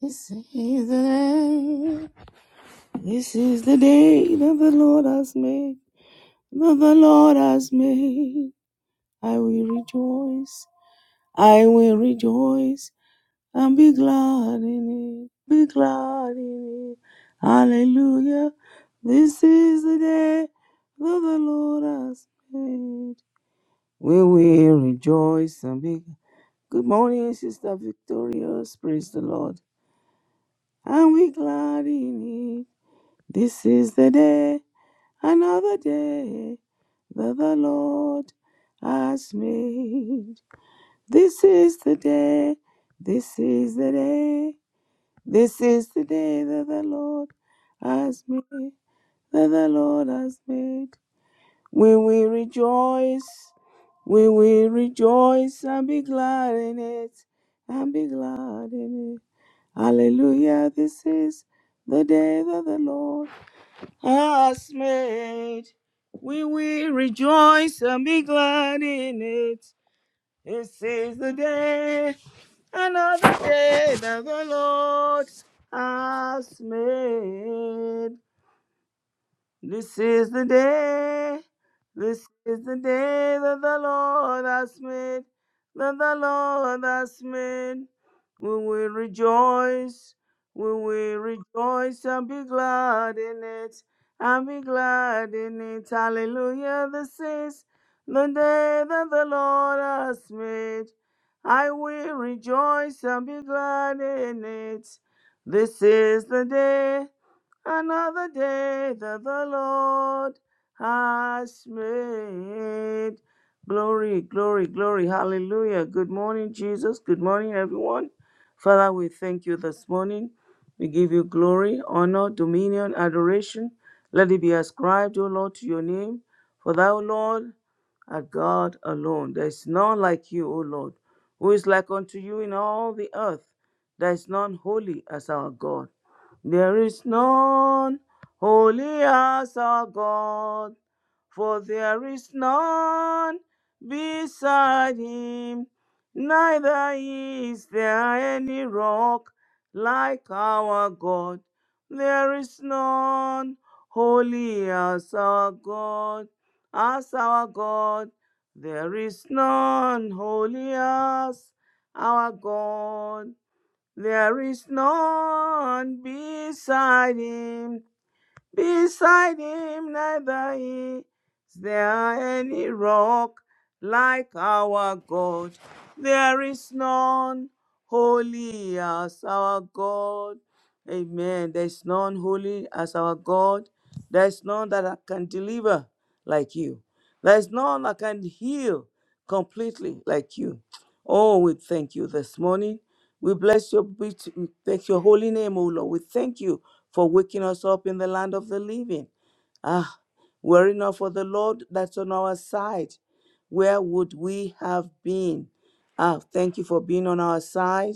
This is the day. This is the day that the Lord has made. That the Lord has made. I will rejoice. I will rejoice and be glad in it. Be glad in it. Hallelujah. This is the day that the Lord has made. We will rejoice and be. Good morning, Sister Victorious. Praise the Lord. And we glad in it. This is the day, another day that the Lord has made. This is the day, this is the day, this is the day that the Lord has made, that the Lord has made. We will rejoice, we will rejoice and be glad in it, and be glad in it. Hallelujah, this is the day that the Lord has made. We will rejoice and be glad in it. This is the day, another day that the Lord has made. This is the day, this is the day that the Lord has made, that the Lord has made. We will rejoice, we will rejoice and be glad in it, and be glad in it. Hallelujah, this is the day that the Lord has made. I will rejoice and be glad in it. This is the day another day that the Lord has made. Glory, glory, glory. Hallelujah. Good morning, Jesus. Good morning, everyone. Father, we thank you this morning. We give you glory, honor, dominion, adoration. Let it be ascribed, O Lord, to your name. For thou, Lord, art God alone. There is none like you, O Lord, who is like unto you in all the earth. There is none holy as our God. There is none holy as our God, for there is none beside him, neither is there any rock like our God. There is none holy as our God, as our God. There is none holy as our God. There is none beside him. Beside him neither is there any rock like our God. There is none holy as our God. Amen. There's none holy as our God. There's none that can deliver like you. There's none that can heal completely like you. Oh, we thank you this morning. We bless your we t- we thank your holy name, O Lord. We thank you for waking us up in the land of the living. Ah, were it not for the Lord that's on our side, where would we have been? Ah, thank you for being on our side.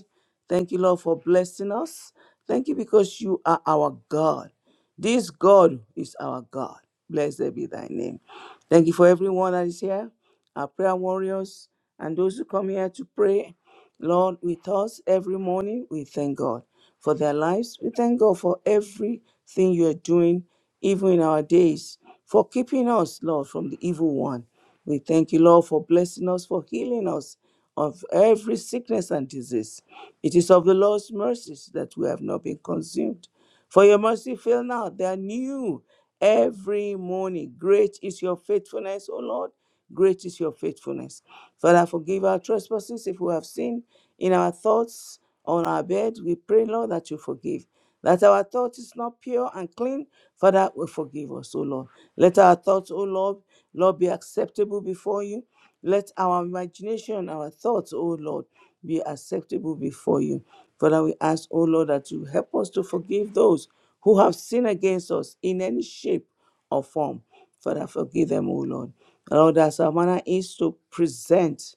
Thank you, Lord, for blessing us. Thank you because you are our God. This God is our God. Blessed be thy name. Thank you for everyone that is here our prayer warriors, and those who come here to pray, Lord, with us every morning. We thank God for their lives. We thank God for everything you are doing, even in our days, for keeping us, Lord, from the evil one. We thank you, Lord, for blessing us, for healing us of every sickness and disease. It is of the Lord's mercies that we have not been consumed. For your mercy fail not, they are new every morning. Great is your faithfulness, O Lord. Great is your faithfulness. Father, forgive our trespasses if we have sinned in our thoughts, on our bed. We pray, Lord, that you forgive. That our thought is not pure and clean, Father, will forgive us, O Lord. Let our thoughts, O Lord, Lord, be acceptable before you. Let our imagination, our thoughts, O Lord, be acceptable before you. Father, we ask, O Lord, that you help us to forgive those who have sinned against us in any shape or form. Father, forgive them, O Lord. Lord, as our manner is to present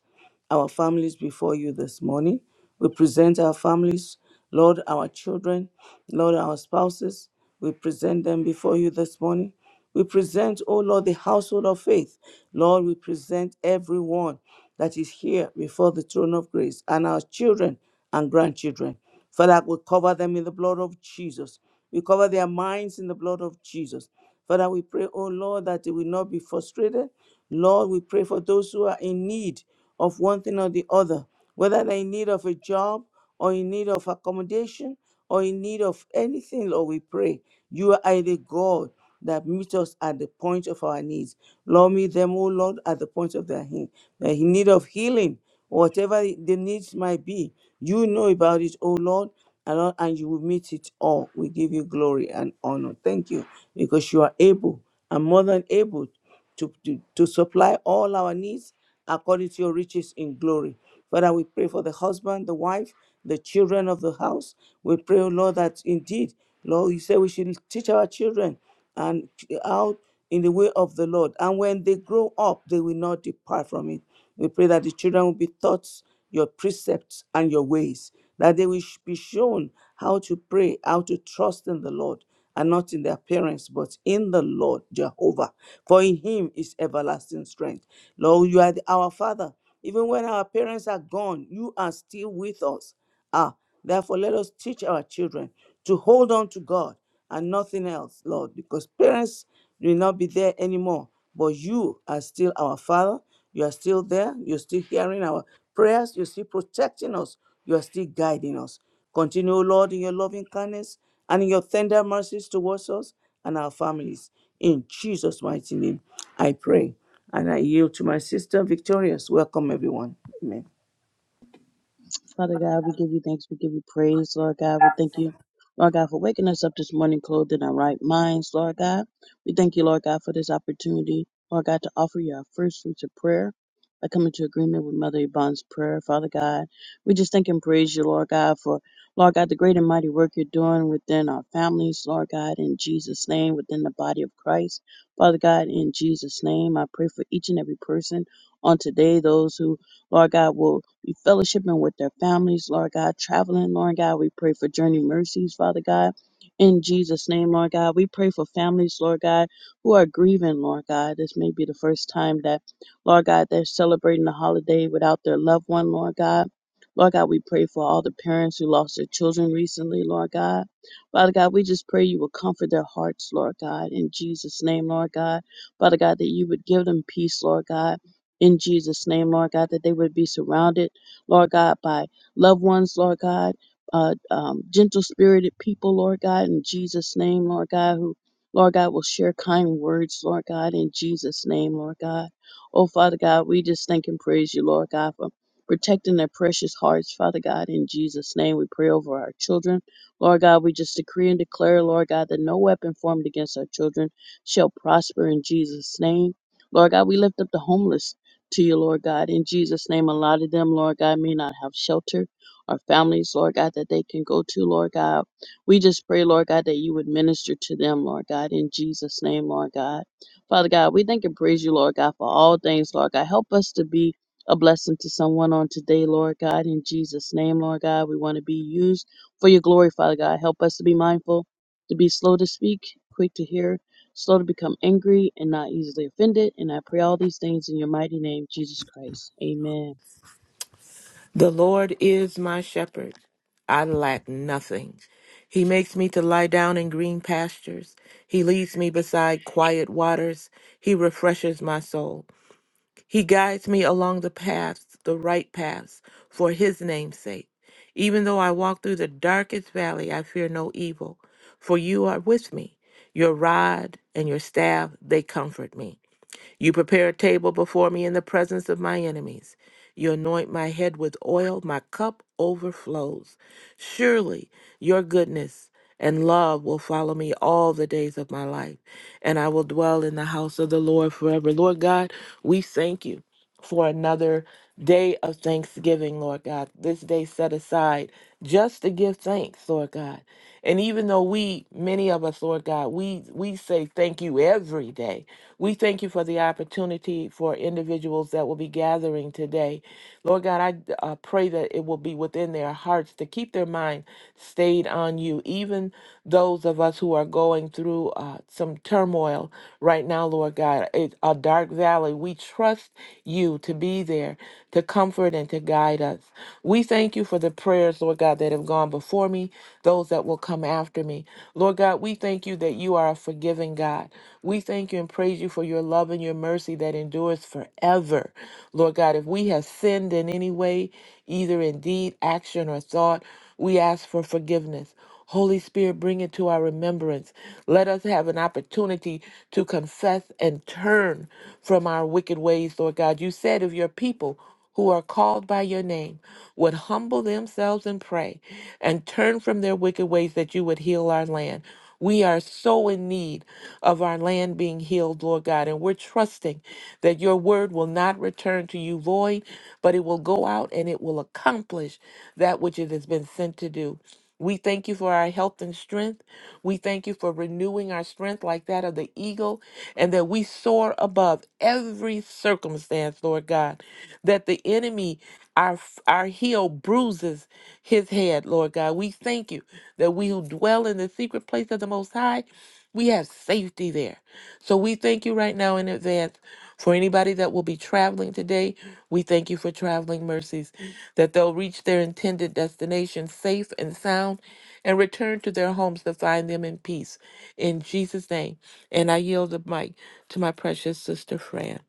our families before you this morning. We present our families, Lord, our children, Lord, our spouses. We present them before you this morning. We present, oh Lord, the household of faith. Lord, we present everyone that is here before the throne of grace and our children and grandchildren. Father, I will cover them in the blood of Jesus. We cover their minds in the blood of Jesus. Father, we pray, oh Lord, that they will not be frustrated. Lord, we pray for those who are in need of one thing or the other, whether they're in need of a job or in need of accommodation or in need of anything, Lord, we pray. You are the God that meets us at the point of our needs. Lord, meet them, oh Lord, at the point of their need. Their need of healing, whatever the needs might be. You know about it, O Lord, and, all- and you will meet it all. We give you glory and honor. Thank you, because you are able and more than able to, to, to supply all our needs according to your riches in glory. Father, we pray for the husband, the wife, the children of the house. We pray, O Lord, that indeed, Lord, you say we should teach our children and out in the way of the Lord. And when they grow up, they will not depart from it. We pray that the children will be taught your precepts and your ways, that they will sh- be shown how to pray, how to trust in the Lord, and not in their parents, but in the Lord Jehovah. For in him is everlasting strength. Lord, you are the- our Father. Even when our parents are gone, you are still with us. Ah, Therefore, let us teach our children to hold on to God and nothing else, Lord, because parents will not be there anymore. But you are still our Father. You are still there. You're still hearing our prayers. You're still protecting us. You are still guiding us. Continue, Lord, in your loving kindness and in your tender mercies towards us and our families. In Jesus' mighty name, I pray. And I yield to my sister, Victorious. Welcome, everyone. Amen. Father God, we give you thanks. We give you praise, Lord God. We thank you, Lord God, for waking us up this morning clothed in our right minds, Lord God. We thank you, Lord God, for this opportunity, Lord God, to offer you our first fruits of prayer. by coming to agreement with Mother Yvonne's prayer, Father God. We just thank and praise you, Lord God, for, Lord God, the great and mighty work you're doing within our families, Lord God, in Jesus' name, within the body of Christ. Father God, in Jesus' name, I pray for each and every person on today, those who Lord God, will be fellowshipping with their families, Lord God, traveling, Lord God. We pray for journey mercies, Father God. In Jesus' name, Lord God, we pray for families, Lord God, who are grieving, Lord God. This may be the first time that, Lord God, they're celebrating the holiday without their loved one, Lord God. Lord God, we pray for all the parents who lost their children recently, Lord God. Father God, we just pray you will comfort their hearts, Lord God, in Jesus' name, Lord God. Father God, that you would give them peace, Lord God in Jesus' name, Lord God, that they would be surrounded, Lord God, by loved ones, Lord God, uh, um, gentle spirited people, Lord God, in Jesus' name, Lord God, who, Lord God, will share kind words, Lord God, in Jesus' name, Lord God. Oh, Father God, we just thank and praise you, Lord God, for protecting their precious hearts, Father God, in Jesus' name. We pray over our children. Lord God, we just decree and declare, Lord God, that no weapon formed against our children shall prosper in Jesus' name. Lord God, we lift up the homeless to you, Lord God. In Jesus' name, a lot of them, Lord God, may not have shelter or families, Lord God, that they can go to, Lord God. We just pray, Lord God, that you would minister to them, Lord God, in Jesus' name, Lord God. Father God, we thank and praise you, Lord God, for all things, Lord God. Help us to be a blessing to someone on today, Lord God, in Jesus' name, Lord God. We want to be used for your glory, Father God. Help us to be mindful, to be slow to speak, quick to hear, slow to become angry and not easily offended. And I pray all these things in your mighty name, Jesus Christ. Amen. The Lord is my shepherd. I lack nothing. He makes me to lie down in green pastures. He leads me beside quiet waters. He refreshes my soul. He guides me along the paths, the right paths, for his name's sake. Even though I walk through the darkest valley, I fear no evil, for you are with me. Your rod and your staff, they comfort me. You prepare a table before me in the presence of my enemies. You anoint my head with oil, my cup overflows. Surely your goodness and love will follow me all the days of my life, and I will dwell in the house of the Lord forever. Lord God, we thank you for another day of thanksgiving, Lord God. This day set aside just to give thanks, Lord God. And even though we, many of us, Lord God, we we say thank you every day. We thank you for the opportunity for individuals that will be gathering today. Lord God, I uh, pray that it will be within their hearts to keep their mind stayed on you, even those of us who are going through uh, some turmoil right now, Lord God, it, a dark valley. We trust you to be there to comfort and to guide us. We thank you for the prayers, Lord God, that have gone before me, those that will come after me. Lord God, we thank you that you are a forgiving God. We thank you and praise you for your love and your mercy that endures forever. Lord God, if we have sinned in any way, either in deed, action, or thought, we ask for forgiveness. Holy Spirit, bring it to our remembrance. Let us have an opportunity to confess and turn from our wicked ways, Lord God. You said if your people who are called by your name would humble themselves and pray and turn from their wicked ways that you would heal our land. We are so in need of our land being healed, Lord God, and we're trusting that your word will not return to you void, but it will go out and it will accomplish that which it has been sent to do. We thank you for our health and strength. We thank you for renewing our strength like that of the eagle, and that we soar above every circumstance, Lord God. That the enemy, our, our heel bruises his head, Lord God. We thank you that we who dwell in the secret place of the Most High, we have safety there. So we thank you right now in advance for anybody that will be traveling today. We thank you for traveling mercies, that they'll reach their intended destination safe and sound and return to their homes to find them in peace. In Jesus' name. And I yield the mic to my precious sister Fran.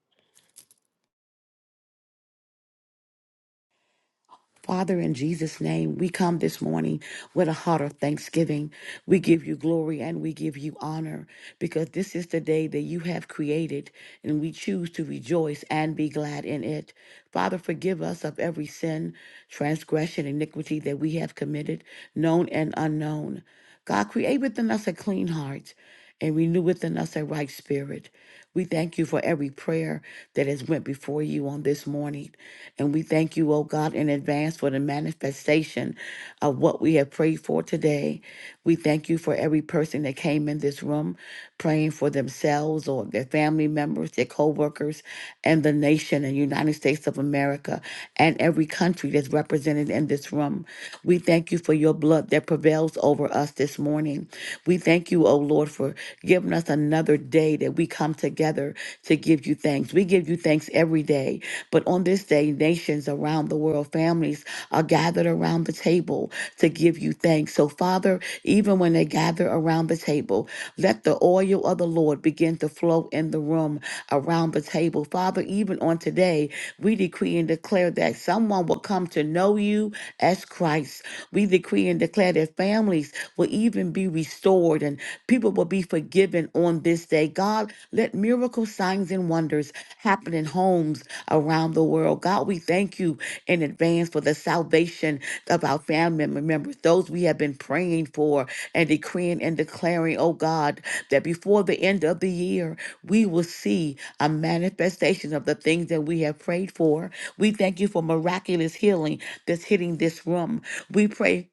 Father, in Jesus' name, we come this morning with a heart of thanksgiving. We give you glory and we give you honor because this is the day that you have created and we choose to rejoice and be glad in it. Father, forgive us of every sin, transgression, iniquity that we have committed, known and unknown. God, create within us a clean heart and renew within us a right spirit. We thank you for every prayer that has went before you on this morning. And we thank you, oh God, in advance for the manifestation of what we have prayed for today. We thank you for every person that came in this room praying for themselves or their family members, their co-workers, and the nation and United States of America and every country that's represented in this room. We thank you for your blood that prevails over us this morning. We thank you, O Lord, for giving us another day that we come together to give you thanks. We give you thanks every day, but on this day, nations around the world, families are gathered around the table to give you thanks. So, Father, even when they gather around the table, let the oil of the Lord begin to flow in the room around the table. Father, even on today, we decree and declare that someone will come to know you as Christ. We decree and declare that families families will even be restored and people will be forgiven on this day. God, let miracle signs and wonders happen in homes around the world. God, we thank you in advance for the salvation of our family members, those we have been praying for and decreeing and declaring, oh God, that before the end of the year, we will see a manifestation of the things that we have prayed for. We thank you for miraculous healing that's hitting this room. We pray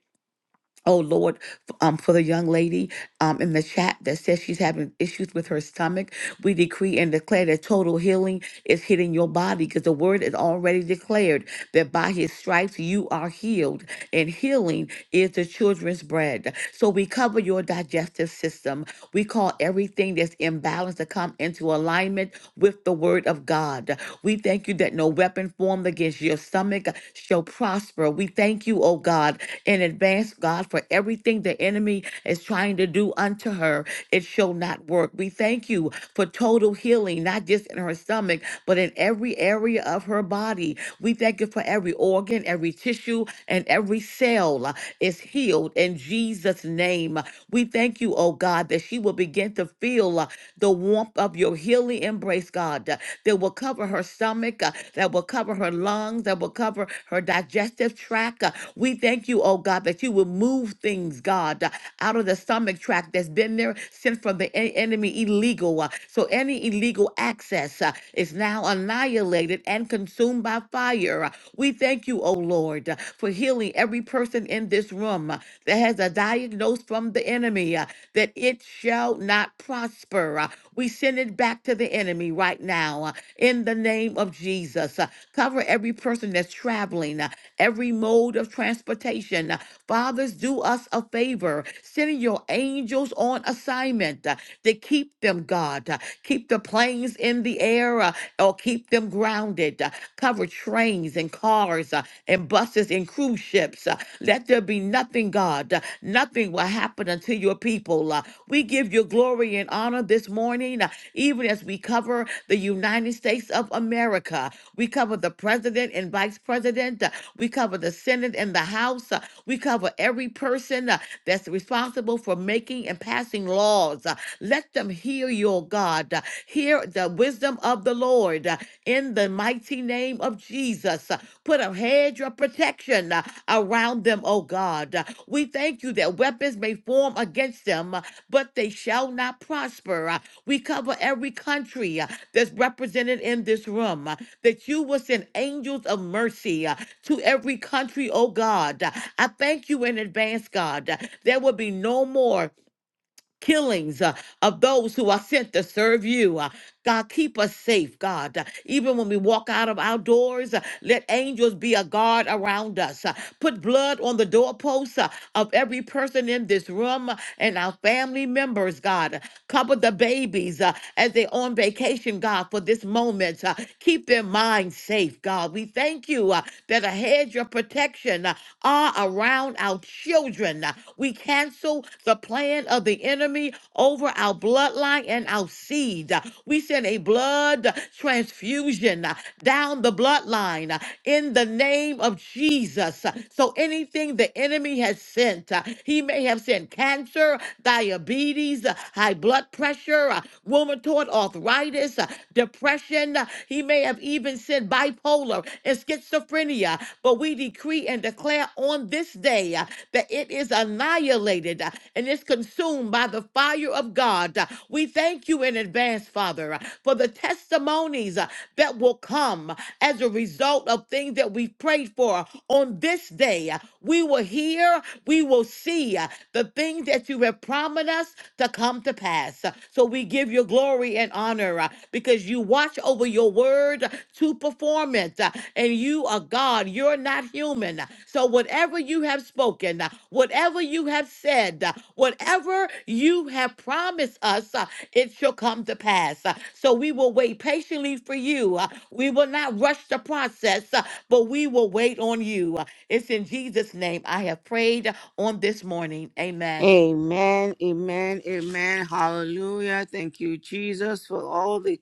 Oh Lord, f- um, for the young lady um, in the chat that says she's having issues with her stomach, we decree and declare that total healing is hitting your body because the word is already declared that by his stripes you are healed, and healing is the children's bread. So we cover your digestive system. We call everything that's imbalanced to come into alignment with the word of God. We thank you that no weapon formed against your stomach shall prosper. We thank you, oh God, in advance, God, for everything the enemy is trying to do unto her. It shall not work. We thank you for total healing, not just in her stomach, but in every area of her body. We thank you for every organ, every tissue, and every cell uh, is healed in Jesus' name. We thank you, oh God, that she will begin to feel uh, the warmth of your healing embrace embrace, God, uh, that will cover her stomach, uh, that will cover her lungs, that will cover her digestive tract. uh. We thank you, oh God, that you will move things, God, uh, out of the stomach tract that's been there since from the en- enemy illegal. uh. So any illegal access uh, is now annihilated and consumed by fire. uh. We thank you, oh Lord, uh, for healing every person in this room uh, that has a diagnosis from the enemy. uh that it shall not prosper. Uh, We send it back to the enemy right now uh, in the name of Jesus. Uh, Cover every person that's traveling, uh, every mode of transportation. Uh, Fathers, do us a favor. Send your angels on assignment uh, to keep them, God. Uh, Keep the planes in the air uh, or keep them grounded. Uh, Cover trains and cars. uh, and buses and cruise ships. Uh, Let there be nothing, God. Uh, Nothing will happen unto your people. Uh, We give you glory and honor this morning, uh, even as we cover the United States of America. We cover the president and vice president. Uh, We cover the Senate and the House. Uh, We cover every person uh, that's responsible for making and passing laws. Uh, Let them hear your God. Uh, Hear the wisdom of the Lord uh, in the mighty name of Jesus. Put a hedge of protection uh, around them, O God. Uh, We thank you that weapons may form against them, uh, but they shall not prosper. Uh, We cover every country uh, that's represented in this room, uh, that you will send angels of mercy uh, to every country, O God. Uh, I thank you in advance, God. uh, There will be no more killings uh, of those who are sent to serve you. Uh, God, keep us safe, God. Even when we walk out of our doors, uh, let angels be a guard around us. Uh, Put blood on the doorposts uh, of every person in this room uh, and our family members, God. Cover the babies uh, as they're on vacation, God, for this moment. Uh, Keep their minds safe, God. We thank you uh, that a hedge of protection uh, are around our children. Uh, We cancel the plan of the enemy over our bloodline and our seed need. Uh, We send a blood transfusion uh, down the bloodline uh, in the name of Jesus. Uh, So anything the enemy has sent, uh, he may have sent cancer, diabetes, uh, high blood pressure, uh, rheumatoid arthritis, uh, depression. uh, He may have even sent bipolar and schizophrenia. But we decree and declare on this day uh, that it is annihilated uh, and is consumed by the fire of God. Uh, We thank you you in advance, Father, uh, for the testimonies uh, that will come as a result of things that we've prayed for on this day. Uh, We will hear, we will see uh, the things that you have promised us to come to pass. Uh, So we give you glory and honor uh, because you watch over your word uh, to perform it. uh, And you are God, you're not human. Uh, So whatever you have spoken, uh, whatever you have said, uh, whatever you have promised us, uh, it shall come to pass. Uh, So we will wait patiently for you. Uh, We will not rush the process, uh, but we will wait on you. Uh, It's in Jesus' name I have prayed uh, on this morning. Amen. Amen, amen, amen. Hallelujah. Thank you, Jesus, for all the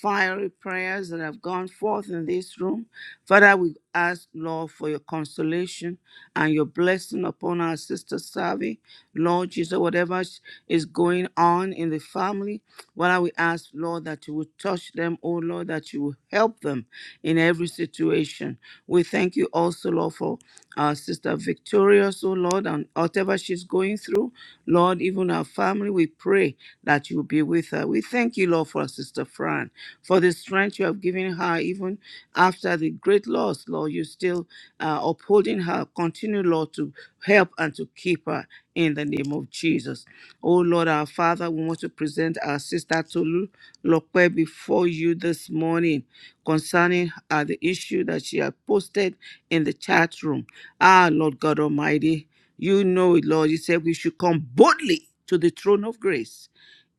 fiery prayers that have gone forth in this room. Father, we ask, Lord, for your consolation and your blessing upon our sister Savi. Lord Jesus, whatever sh- is going on in the family, Father, we ask, Lord, that you will touch them, oh Lord, that you will help them in every situation. We thank you also, Lord, for our Sister Victorious, oh Lord, and whatever she's going through, Lord, even her family, we pray that you'll be with her. We thank you, Lord, for our Sister Fran, for the strength you have given her, even after the great loss, Lord, you still uh, upholding her. Continue, Lord, to help and to keep her in the name of Jesus. Oh Lord, our Father, we want to present our sister Tolu Lokwe before you this morning concerning uh, the issue that she had posted in the chat room. Ah, Lord God Almighty, you know it, Lord. You said we should come boldly to the throne of grace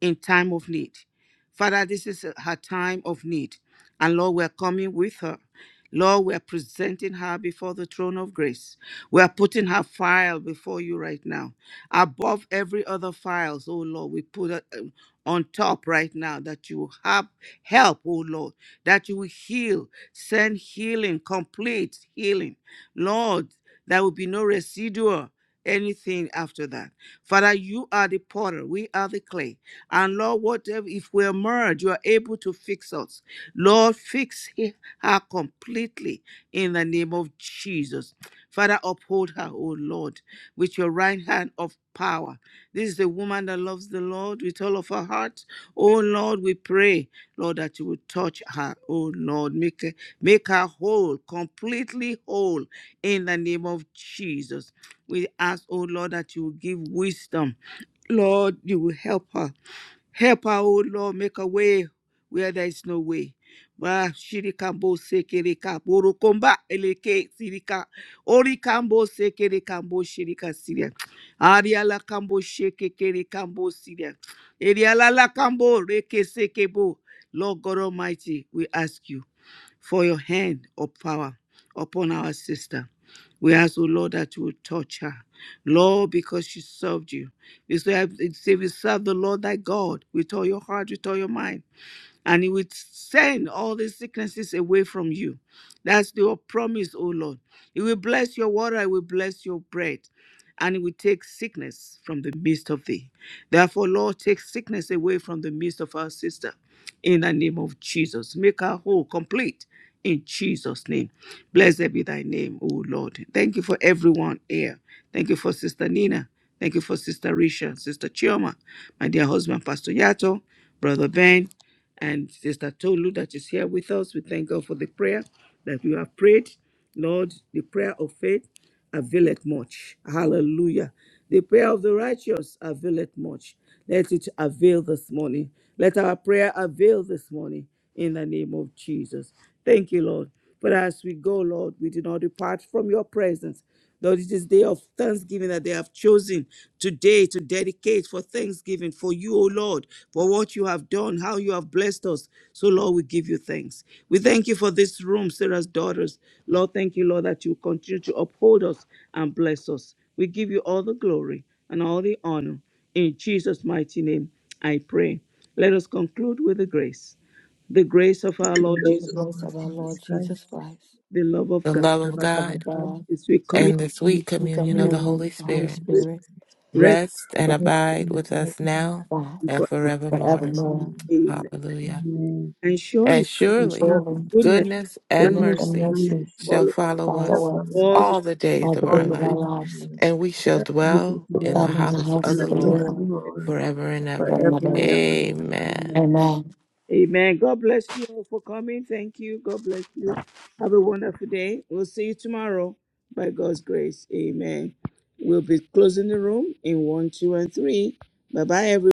in time of need. Father, this is her time of need. And Lord, we're coming with her. Lord, we're presenting her before the throne of grace. We are putting her file before you right now. Above every other files, oh Lord, we put it um, on top right now that you will have help, oh Lord, that you will heal, send healing, complete healing. Lord, there will be no residual anything after that. Father, you are the potter, we are the clay. And Lord, whatever if we emerge, you are able to fix us. Lord, fix her completely in the name of Jesus. Father, uphold her, O Lord, with your right hand of power. This is the woman that loves the Lord with all of her heart. Oh Lord, we pray, Lord, that you would touch her. Oh Lord, make her, make her whole, completely whole in the name of Jesus. We ask, oh Lord, that you will give wisdom. Lord, you will help her. Help her, oh Lord, make a way where there is no way. Wa shirikambo sekereka borokomba eleke sirika orikambo sekerekambo shirika siria ariala kambo shekekerekambo siria eriala la kambo reke sekebo Lord God Almighty, we ask you for your hand of power upon our sister. We ask, oh Lord, that you will touch her. Lord, because she served you. if we serve the Lord thy God with all your heart, with all your mind and he will send all the sicknesses away from you. That's your promise, O Lord. He will bless your water, he will bless your bread, and he will take sickness from the midst of thee. Therefore, Lord, take sickness away from the midst of our sister in the name of Jesus. Make her whole, complete in Jesus' name. Blessed be thy name, O Lord. Thank you for everyone here. Thank you for Sister Nina. Thank you for Sister Risha, Sister Chioma, my dear husband, Pastor Yato, Brother Ben and Sister Tolu that is here with us. We thank God for the prayer that we have prayed. Lord, the prayer of faith availeth much. Hallelujah. The prayer of the righteous availeth much. Let it avail this morning. Let our prayer avail this morning in the name of Jesus. Thank you, Lord. But as we go, Lord, we do not depart from your presence. Lord, it is day of thanksgiving that they have chosen today to dedicate for thanksgiving for you, O Lord, for what you have done, how you have blessed us. So, Lord, we give you thanks. We thank you for this room, Sarah's daughters. Lord, thank you, Lord, that you continue to uphold us and bless us. We give you all the glory and all the honor. In Jesus' mighty name, I pray. Let us conclude with the grace. The grace of our Lord Praise the The Jesus, grace Lord of our Jesus Lord Jesus Christ, Christ, the love of The God love the of love of of the God God, God, as we commit and the and sweet the through communion of command the communion, Holy the of to the Holy Spirit Holy spirit, Spirit, Spirit. rest rest and about Rest abide in with the blood us of Christ, now now, and and forever. forevermore. forever forevermore. and ever. Amen. Hallelujah. Amen. And And surely And And surely surely, surely, goodness goodness and and goodness goodness and mercy and mercy mercy shall follow follow shall us follow follow us us all the all the days all the of all our days the of our life, days of the lives. Lord. and we shall We shall dwell house. in dwell the Dwell in the house in of house the the of the house Lord of the Lord Lord forever and ever. forever forever. and ever. Amen. Amen. Amen. Amen. God bless you all for coming. Thank you. God bless you. Have a wonderful day. We'll see you tomorrow by God's grace. Amen. We'll be closing the room in one, two, and three. Bye bye, everyone.